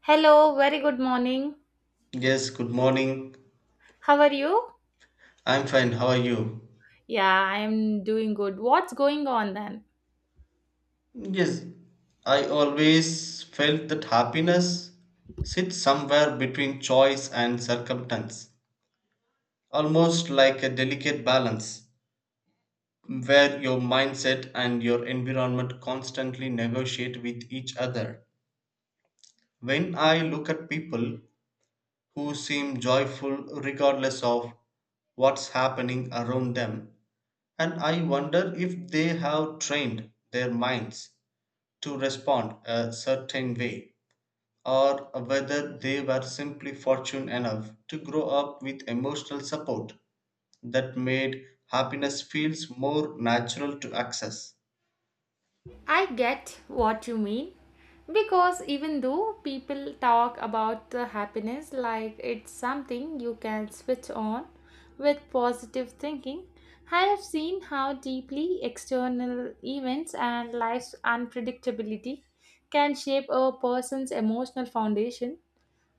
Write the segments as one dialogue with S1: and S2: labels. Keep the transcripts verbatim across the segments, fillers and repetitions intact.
S1: Hello, very good morning.
S2: Yes, good morning.
S1: How are you?
S2: I'm fine. How are you?
S1: Yeah, I am doing good. What's going on then?
S2: Yes, I always felt that happiness sits somewhere between choice and circumstance, almost like a delicate balance where your mindset and your environment constantly negotiate with each other. When I look at people who seem joyful regardless of what's happening around them, and I wonder if they have trained their minds to respond a certain way, or whether they were simply fortunate enough to grow up with emotional support that made happiness feels more natural to access.
S1: I get what you mean because even though people talk about the happiness like it's something you can switch on with positive thinking, I have seen how deeply external events and life's unpredictability can shape a person's emotional foundation.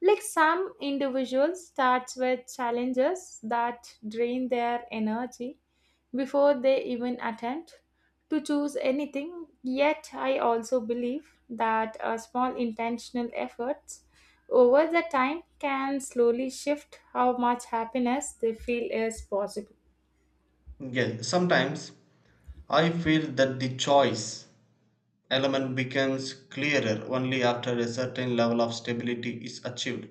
S1: Like, some individuals starts with challenges that drain their energy before they even attempt to choose anything. Yet I also believe that a small intentional efforts over the time can slowly shift how much happiness they feel is possible.
S2: Yes, sometimes I feel that the choice element becomes clearer only after a certain level of stability is achieved.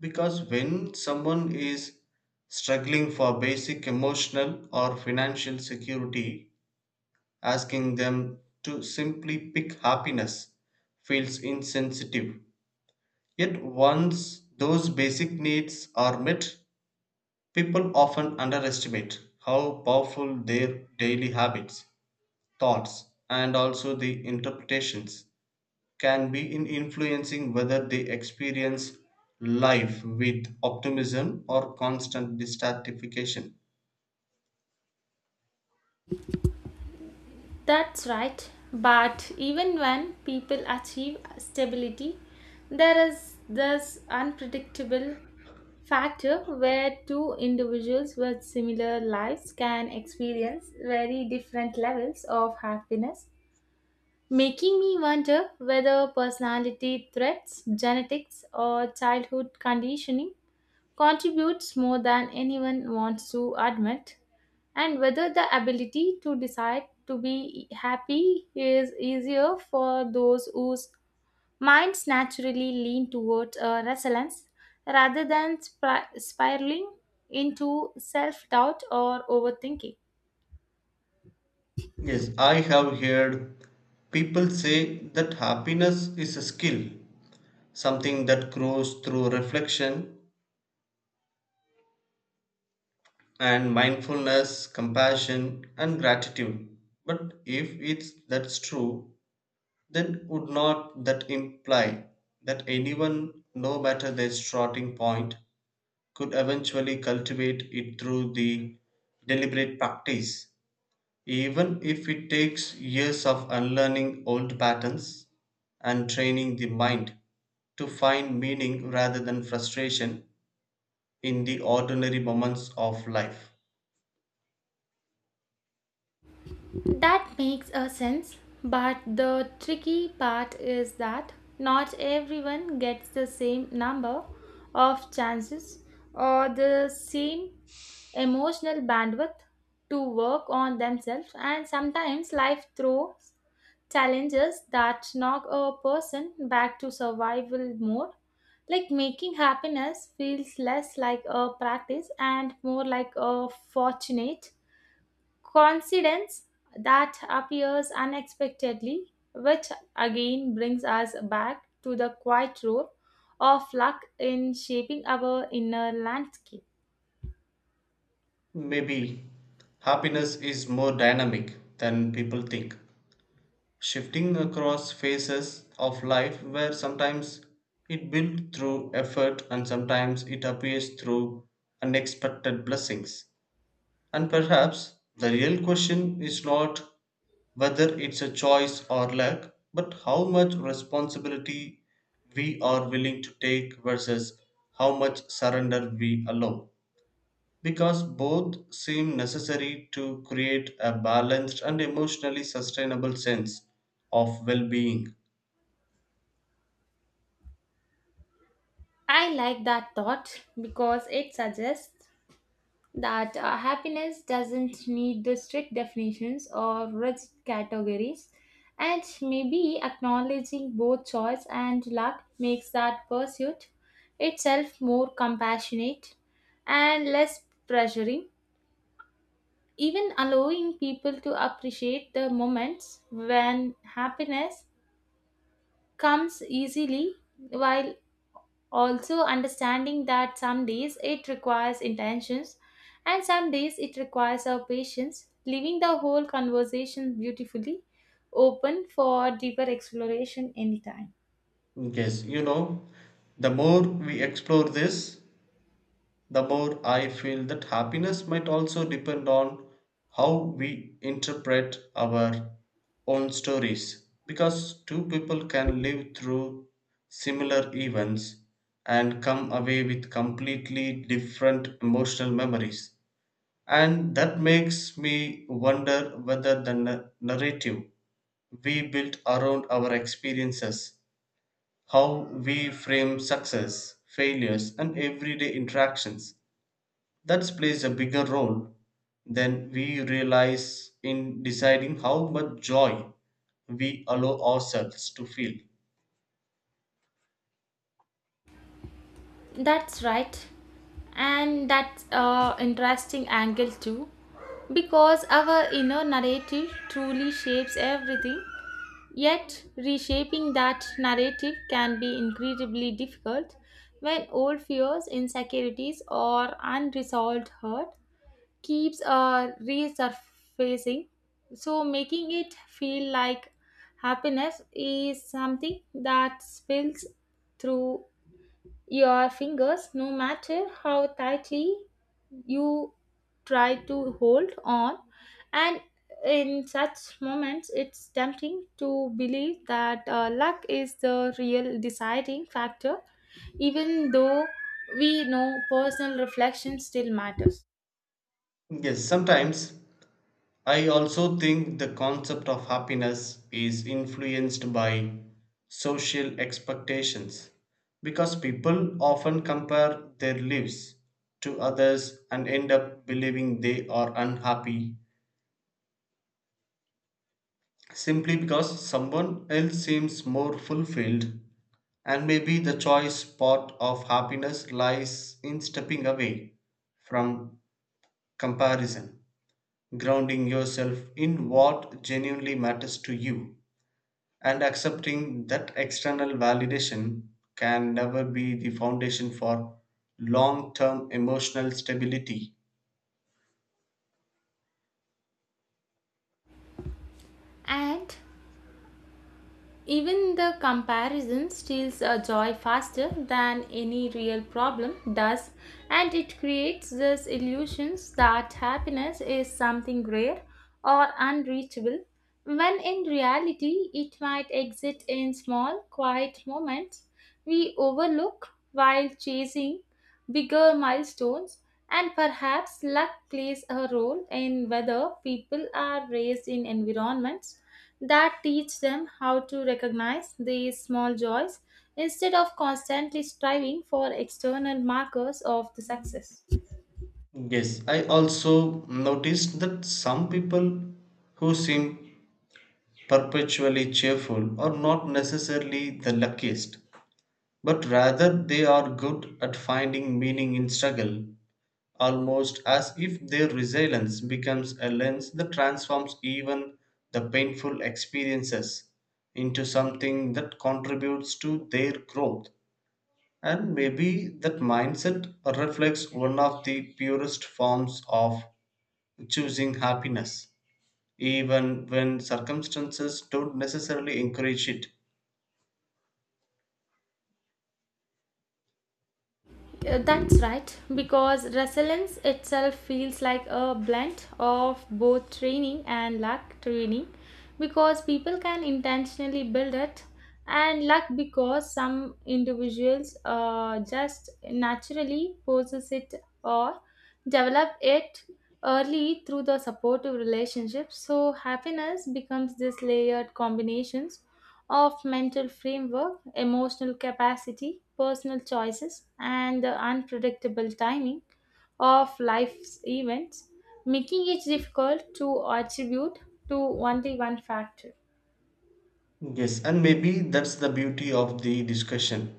S2: Because when someone is struggling for basic emotional or financial security, asking them to simply pick happiness feels insensitive. Yet, once those basic needs are met, people often underestimate how powerful their daily habits, thoughts, and also the interpretations can be in influencing whether they experience life with optimism or constant dissatisfaction.
S1: That's right. But even when people achieve stability, there is this unpredictable factor where two individuals with similar lives can experience very different levels of happiness, making me wonder whether personality traits, genetics, or childhood conditioning contributes more than anyone wants to admit, and whether the ability to decide to be happy is easier for those whose minds naturally lean towards uh, resilience rather than spir- spiraling into self doubt or overthinking.
S2: Yes, I have heard people say that happiness is a skill, something that grows through reflection and mindfulness, compassion, and gratitude. But if it's that's true, then would not that imply that anyone, no matter their starting point, could eventually cultivate it through the deliberate practice, even if it takes years of unlearning old patterns and training the mind to find meaning rather than frustration in the ordinary moments of life.
S1: That makes a sense, but the tricky part is that not everyone gets the same number of chances or the same emotional bandwidth to work on themselves, and sometimes life throws challenges that knock a person back to survival mode, like making happiness feels less like a practice and more like a fortunate coincidence that appears unexpectedly, which again brings us back to the quiet role of luck in shaping our inner landscape.
S2: Maybe happiness is more dynamic than people think, shifting across phases of life where sometimes it builds through effort and sometimes it appears through unexpected blessings. And perhaps the real question is not whether it's a choice or luck, but how much responsibility we are willing to take versus how much surrender we allow, because both seem necessary to create a balanced and emotionally sustainable sense of well being.
S1: I like that thought because it suggests that uh, happiness doesn't need the strict definitions or rigid categories, and maybe acknowledging both choice and luck makes that pursuit itself more compassionate and less pressuring, even allowing people to appreciate the moments when happiness comes easily, while also, understanding that some days it requires intentions and some days it requires our patience, leaving the whole conversation beautifully open for deeper exploration anytime.
S2: Yes, you know, the more we explore this, the more I feel that happiness might also depend on how we interpret our own stories. Because two people can live through similar events and come away with completely different emotional memories. And that makes me wonder whether the na- narrative we built around our experiences, how we frame success, failures, and everyday interactions, that plays a bigger role than we realize in deciding how much joy we allow ourselves to feel.
S1: That's right, and that's an interesting angle too, because our inner narrative truly shapes everything. Yet, reshaping that narrative can be incredibly difficult when old fears, insecurities, or unresolved hurt keeps uh, resurfacing. So, making it feel like happiness is something that spills through your fingers no matter how tightly you try to hold on, and in such moments it's tempting to believe that uh, luck is the real deciding factor, even though we know personal reflection still matters.
S2: Yes, sometimes I also think the concept of happiness is influenced by social expectations because people often compare their lives to others and end up believing they are unhappy simply because someone else seems more fulfilled, and maybe the choice part of happiness lies in stepping away from comparison, grounding yourself in what genuinely matters to you, and accepting that external validation can never be the foundation for long term emotional stability.
S1: And even the comparison steals a joy faster than any real problem does, and it creates this illusions that happiness is something rare or unreachable, when in reality it might exist in small, quiet moments we overlook while chasing bigger milestones, and perhaps luck plays a role in whether people are raised in environments that teach them how to recognize these small joys instead of constantly striving for external markers of the success.
S2: Yes, I also noticed that some people who seem perpetually cheerful are not necessarily the luckiest, but rather they are good at finding meaning in struggle, almost as if their resilience becomes a lens that transforms even the painful experiences into something that contributes to their growth. And maybe that mindset reflects one of the purest forms of choosing happiness, even when circumstances don't necessarily encourage it.
S1: Uh, That's right, because resilience itself feels like a blend of both training and luck. Training, because people can intentionally build it, and luck because some individuals uh, just naturally possess it or develop it early through the supportive relationship. So happiness becomes this layered combinations of mental framework, emotional capacity, personal choices, and the unpredictable timing of life's events, making it difficult to attribute to only one factor.
S2: Yes, and maybe that's the beauty of the discussion.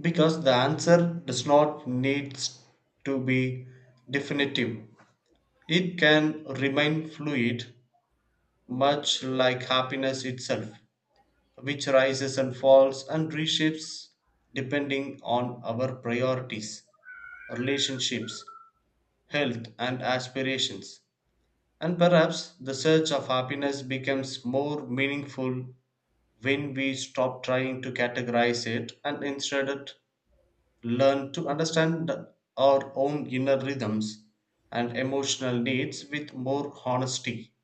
S2: Because the answer does not need to be definitive. It can remain fluid, much like happiness itself, which rises and falls and reshapes depending on our priorities, relationships, health, and aspirations. And perhaps the search of happiness becomes more meaningful when we stop trying to categorize it and instead learn to understand our own inner rhythms and emotional needs with more honesty.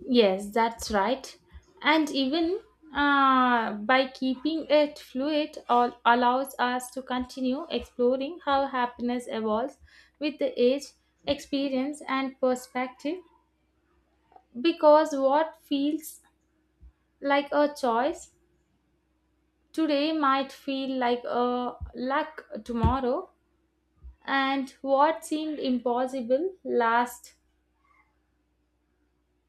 S1: Yes, that's right. And even uh, by keeping it fluid, all allows us to continue exploring how happiness evolves with the age, experience, and perspective. Because what feels like a choice today might feel like a luck tomorrow, and what seemed impossible last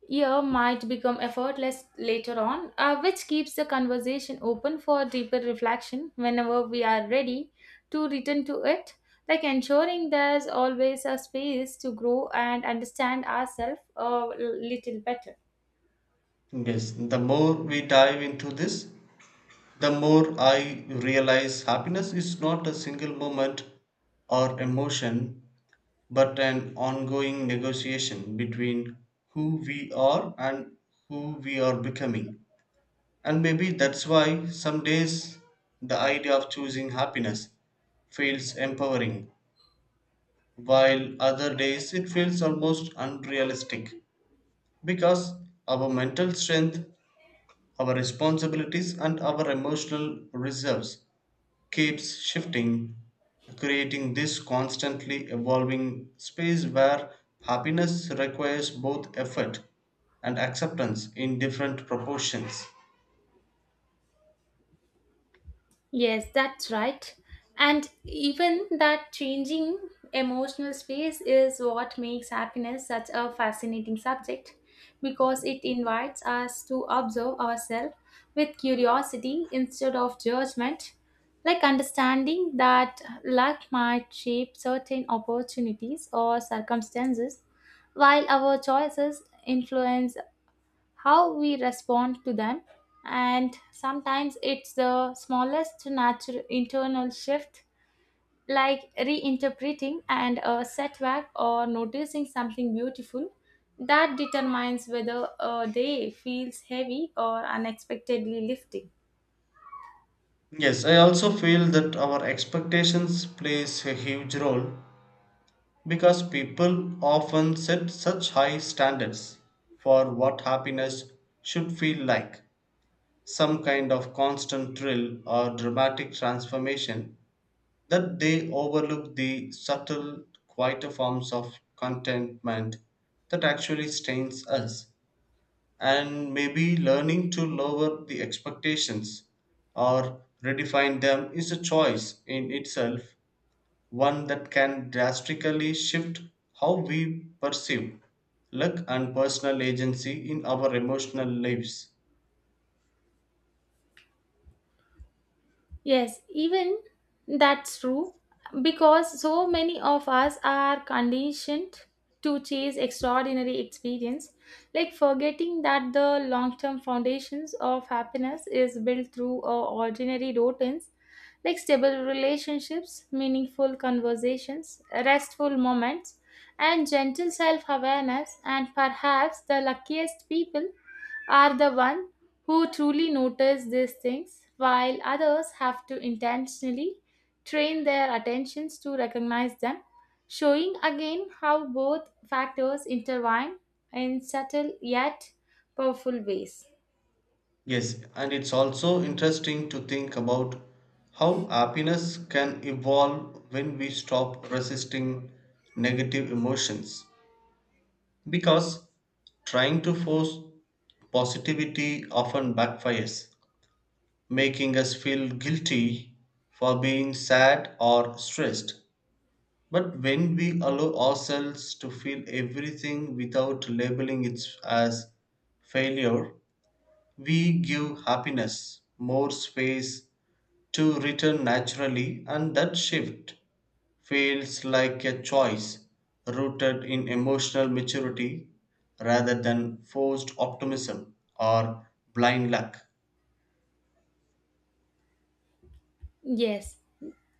S1: year might become effortless later on, uh, which keeps the conversation open for deeper reflection whenever we are ready to return to it. Like ensuring there's always a space to grow and understand ourselves a little better.
S2: Yes, the more we dive into this, the more I realize happiness is not a single moment or emotion, but an ongoing negotiation between who we are and who we are becoming. And maybe that's why some days the idea of choosing happiness feels empowering while other days it feels almost unrealistic, because our mental strength, our responsibilities and our emotional reserves keeps shifting, creating this constantly evolving space where happiness requires both effort and acceptance in different proportions.
S1: Yes, that's right. And even that changing emotional space is what makes happiness such a fascinating subject because it invites us to observe ourselves with curiosity instead of judgment, like understanding that luck might shape certain opportunities or circumstances, while our choices influence how we respond to them, and sometimes it's the smallest natural internal shift, like reinterpreting and a setback or noticing something beautiful, that determines whether a day feels heavy or unexpectedly lifting.
S2: Yes, I also feel that our expectations plays a huge role. Because people often set such high standards for what happiness should feel like, some kind of constant thrill or dramatic transformation, that they overlook the subtle, quieter forms of contentment that actually stains us. And maybe learning to lower the expectations or redefine them is a choice in itself, one that can drastically shift how we perceive luck and personal agency in our emotional lives.
S1: Yes, even that's true because so many of us are conditioned to chase extraordinary experience, like forgetting that the long term foundations of happiness is built through uh, ordinary routines like stable relationships, meaningful conversations, restful moments, and gentle self awareness. And perhaps the luckiest people are the ones who truly notice these things, while others have to intentionally train their attentions to recognize them, showing again how both factors intertwine in subtle yet powerful ways.
S2: Yes, and it's also interesting to think about how happiness can evolve when we stop resisting negative emotions. Because trying to force positivity often backfires, making us feel guilty for being sad or stressed. But when we allow ourselves to feel everything without labeling it as failure, we give happiness more space to return naturally, and that shift feels like a choice rooted in emotional maturity rather than forced optimism or blind luck.
S1: Yes,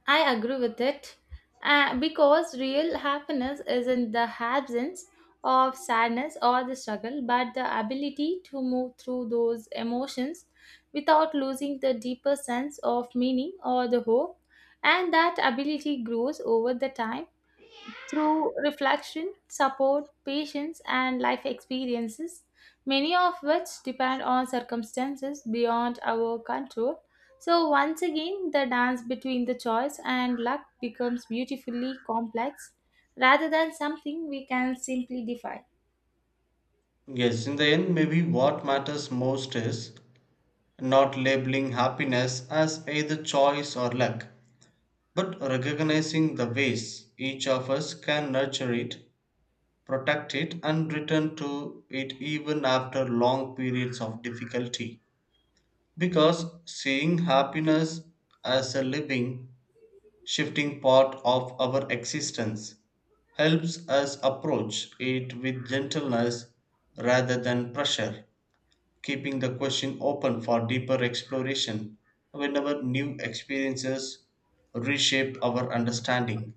S1: I agree with it. Uh, because real happiness isn't the absence of sadness or the struggle, but the ability to move through those emotions without losing the deeper sense of meaning or the hope. And that ability grows over the time through reflection, support, patience, and life experiences, many of which depend on circumstances beyond our control. So, once again, the dance between the choice and luck becomes beautifully complex rather than something we can simply define.
S2: Yes, in the end, maybe what matters most is not labeling happiness as either choice or luck, but recognizing the ways each of us can nurture it, protect it, and return to it even after long periods of difficulty. Because seeing happiness as a living, shifting part of our existence helps us approach it with gentleness rather than pressure, keeping the question open for deeper exploration whenever new experiences reshape our understanding.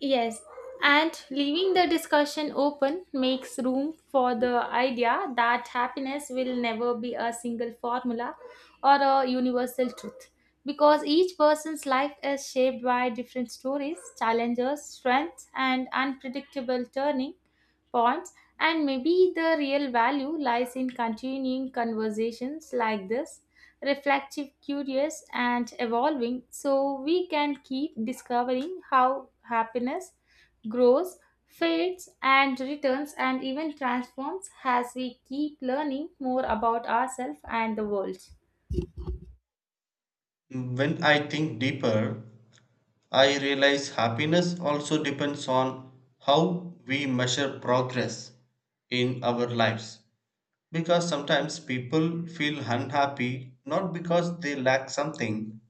S1: Yes, and leaving the discussion open makes room for the idea that happiness will never be a single formula or a universal truth, because each person's life is shaped by different stories, challenges, strengths, and unpredictable turning points, and maybe the real value lies in continuing conversations like this, reflective, curious and evolving, so we can keep discovering how happiness grows, fades and returns, and even transforms as we keep learning more about ourselves and the world.
S2: When I think deeper, I realize happiness also depends on how we measure progress in our lives. Because sometimes people feel unhappy not because they lack something,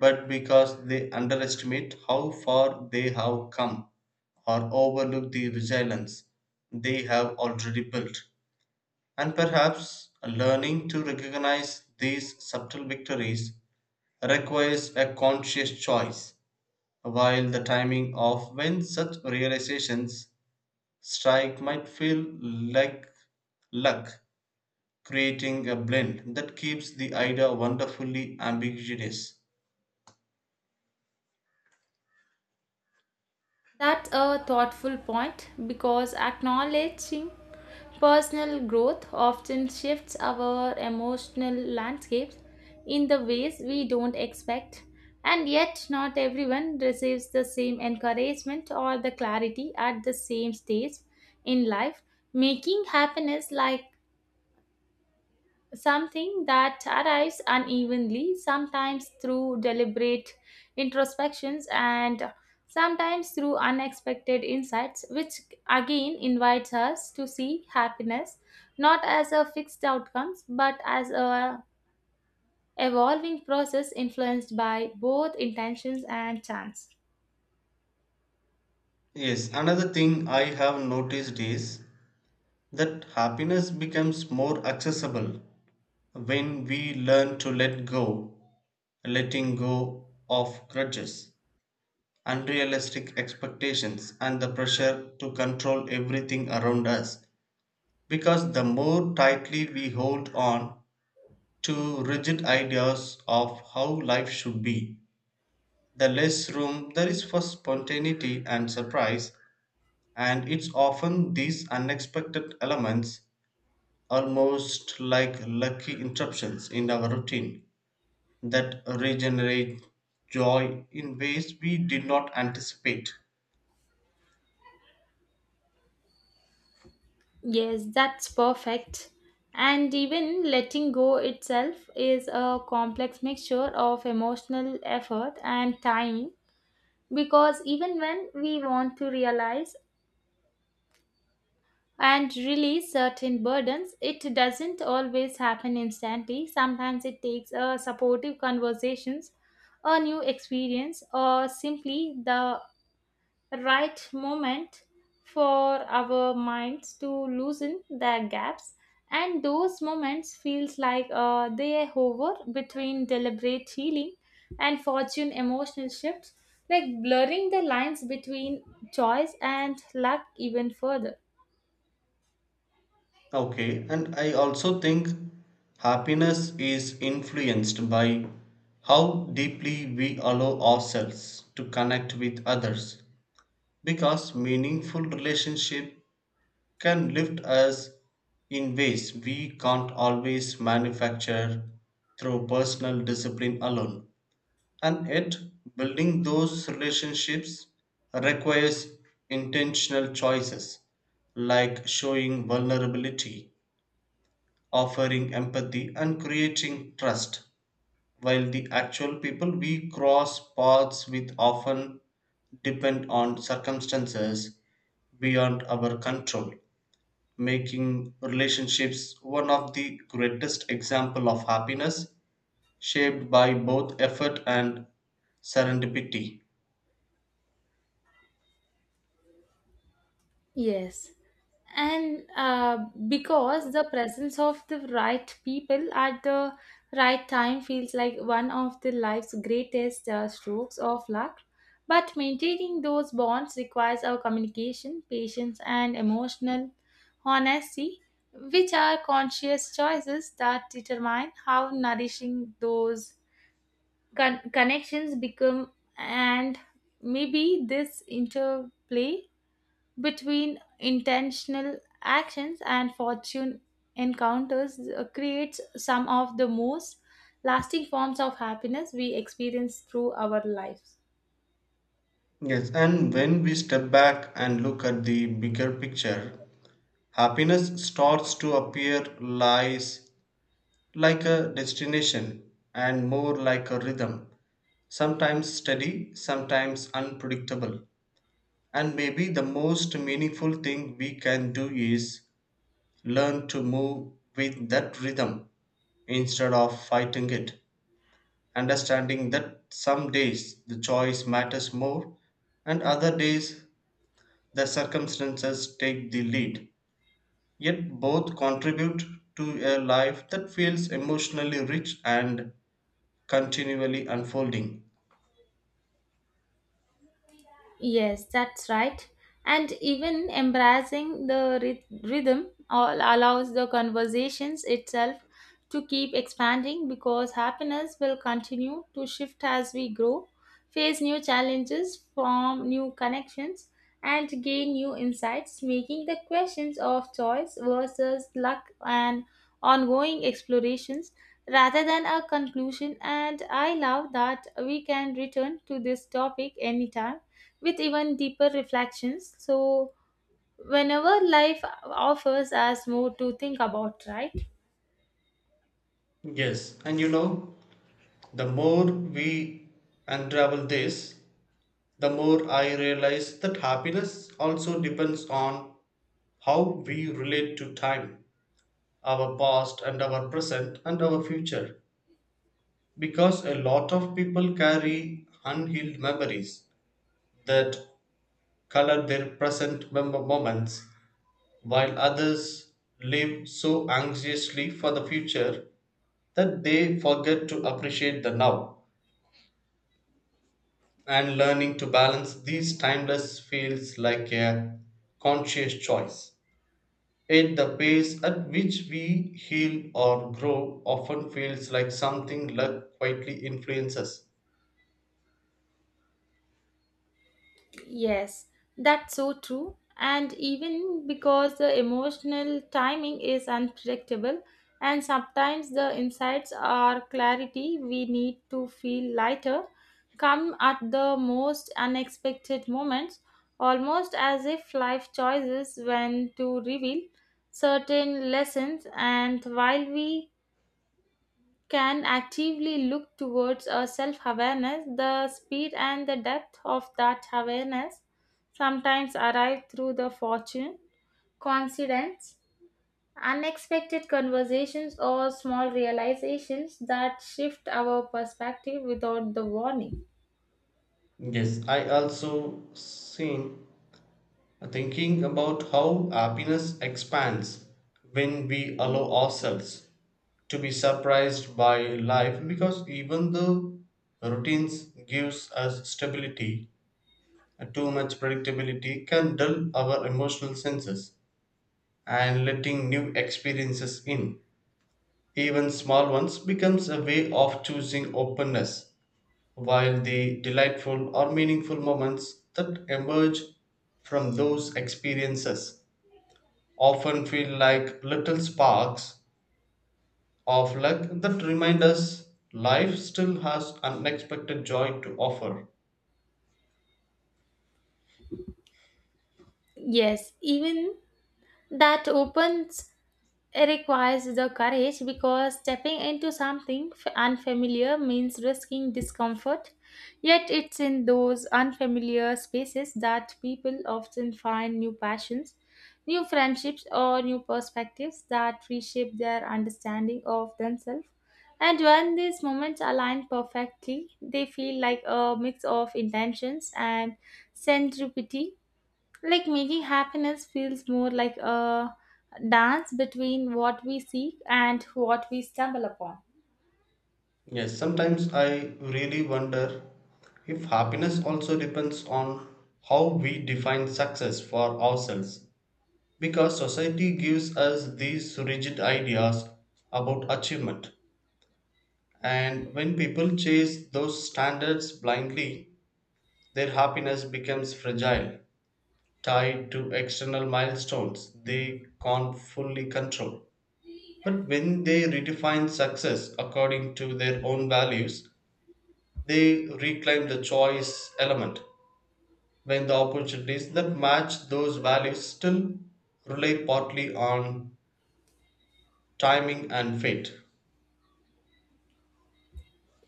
S2: but because they underestimate how far they have come or overlook the resilience they have already built. And perhaps learning to recognize these subtle victories requires a conscious choice, while the timing of when such realizations strike might feel like luck, creating a blend that keeps the idea wonderfully ambiguous.
S1: That's a thoughtful point because acknowledging personal growth often shifts our emotional landscapes in the ways we don't expect, and yet, not everyone receives the same encouragement or the clarity at the same stage in life, making happiness like something that arrives unevenly, sometimes through deliberate introspections and sometimes through unexpected insights, which again invites us to see happiness not as a fixed outcomes but as a evolving process influenced by both intentions and chance.
S2: Yes, another thing I have noticed is that happiness becomes more accessible when we learn to let go, letting go of grudges, unrealistic expectations and the pressure to control everything around us. Because the more tightly we hold on to rigid ideas of how life should be, the less room there is for spontaneity and surprise. And it's often these unexpected elements, almost like lucky interruptions in our routine, that regenerate joy in ways we did not anticipate.
S1: Yes, that's perfect. And even letting go itself is a complex mixture of emotional effort and time. Because even when we want to realize and release certain burdens, it doesn't always happen instantly. Sometimes it takes a supportive conversations, a new experience, or simply the right moment for our minds to loosen their gaps, and those moments feels like uh, they hover between deliberate healing and fortune emotional shifts, like blurring the lines between choice and luck even further.
S2: Okay, and I also think happiness is influenced by how deeply we allow ourselves to connect with others, because meaningful relationship can lift us in ways we can't always manufacture through personal discipline alone, and yet building those relationships requires intentional choices like showing vulnerability, offering empathy and creating trust, while the actual people we cross paths with often depend on circumstances beyond our control, making relationships one of the greatest example of happiness shaped by both effort and serendipity.
S1: Yes, and uh, because the presence of the right people at the right time feels like one of the life's greatest uh, strokes of luck, but maintaining those bonds requires our communication, patience and emotional honesty, which are conscious choices that determine how nourishing those con- connections become, and maybe this interplay between intentional actions and fortune encounters uh, creates some of the most lasting forms of happiness we experience through our lives.
S2: Yes, and when we step back and look at the bigger picture, happiness starts to appear lies like a destination and more like a rhythm, sometimes steady, sometimes unpredictable. And maybe the most meaningful thing we can do is learn to move with that rhythm instead of fighting it, understanding that some days the choice matters more and other days the circumstances take the lead. Yet both contribute to a life that feels emotionally rich and continually unfolding.
S1: Yes, that's right. And even embracing the ryth- rhythm all allows the conversations itself to keep expanding, because happiness will continue to shift as we grow, face new challenges, form new connections, and gain new insights, making the questions of choice versus luck and ongoing explorations rather than a conclusion. And I love that we can return to this topic anytime with even deeper reflections. So, whenever life offers us more to think about, right?
S2: Yes, and you know, the more we unravel this, the more I realize that happiness also depends on how we relate to time, our past and our present and our future. Because a lot of people carry unhealed memories that color their present member moments, while others live so anxiously for the future that they forget to appreciate the now. And learning to balance these timeless feels like a conscious choice. Yet the pace at which we heal or grow often feels like something luck quietly influences.
S1: Yes, that's so true. And even because the emotional timing is unpredictable, and sometimes the insights or clarity we need to feel lighter come at the most unexpected moments, almost as if life chooses when to reveal certain lessons. And while we can actively look towards a self awareness, the speed and the depth of that awareness sometimes arrive through the fortune, coincidence, unexpected conversations, or small realizations that shift our perspective without the warning.
S2: Yes, I also seen thinking about how happiness expands when we allow ourselves to be surprised by life, because even though routines gives us stability, too much predictability can dull our emotional senses, and letting new experiences in, even small ones, becomes a way of choosing openness, while the delightful or meaningful moments that emerge from those experiences often feel like little sparks of luck that remind us life still has unexpected joy to offer.
S1: Yes, even that opens. It requires the courage because stepping into something f- unfamiliar means risking discomfort. Yet, it's in those unfamiliar spaces that people often find new passions, new friendships, or new perspectives that reshape their understanding of themselves. And when these moments align perfectly, they feel like a mix of intentions and serendipity, like making happiness feels more like a dance between what we seek and what we stumble upon.
S2: Yes, sometimes I really wonder if happiness also depends on how we define success for ourselves, because society gives us these rigid ideas about achievement, and when people chase those standards blindly their happiness becomes fragile, tied to external milestones they can't fully control. But when they redefine success according to their own values, they reclaim the choice element. When the opportunities that match those values still rely partly on timing and fate.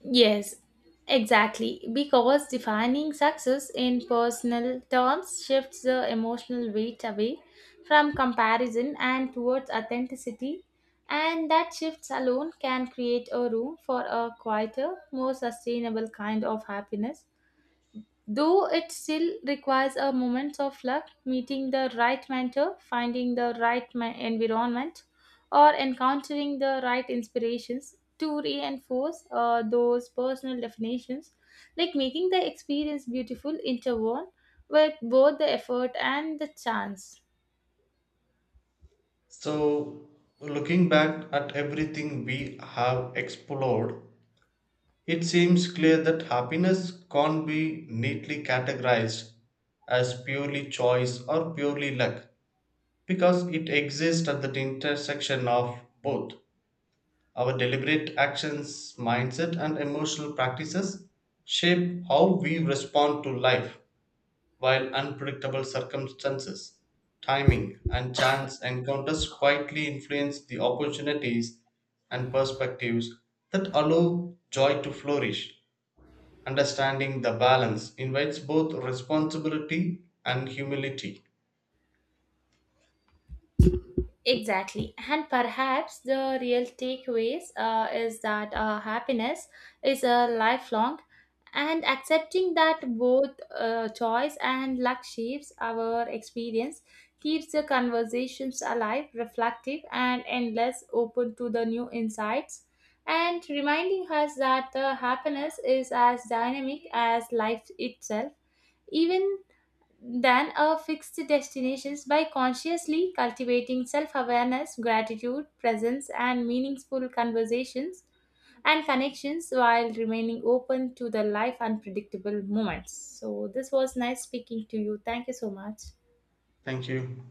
S1: Yes, exactly. Because defining success in personal terms shifts the emotional weight away from comparison and towards authenticity. And that shifts alone can create a room for a quieter, more sustainable kind of happiness. Though it still requires a moment of luck, meeting the right mentor, finding the right ma- environment, or encountering the right inspirations to reinforce uh, those personal definitions, like making the experience beautiful interwoven with both the effort and the chance.
S2: So, looking back at everything we have explored, it seems clear that happiness can't be neatly categorized as purely choice or purely luck because it exists at the intersection of both. Our deliberate actions, mindset, and emotional practices shape how we respond to life, while unpredictable circumstances, timing, and chance encounters quietly influence the opportunities and perspectives that allow joy to flourish. Understanding the balance invites both responsibility and humility.
S1: Exactly. And perhaps the real takeaways uh, is that uh, happiness is a lifelong, and accepting that both uh, choice and luck shapes our experience keeps the conversations alive, reflective, and endless, open to the new insights, and reminding us that uh, happiness is as dynamic as life itself, even than a fixed destinations, by consciously cultivating self-awareness, gratitude, presence and meaningful conversations and connections, while remaining open to the life unpredictable moments. So this was nice speaking to you, thank you so much.
S2: Thank you.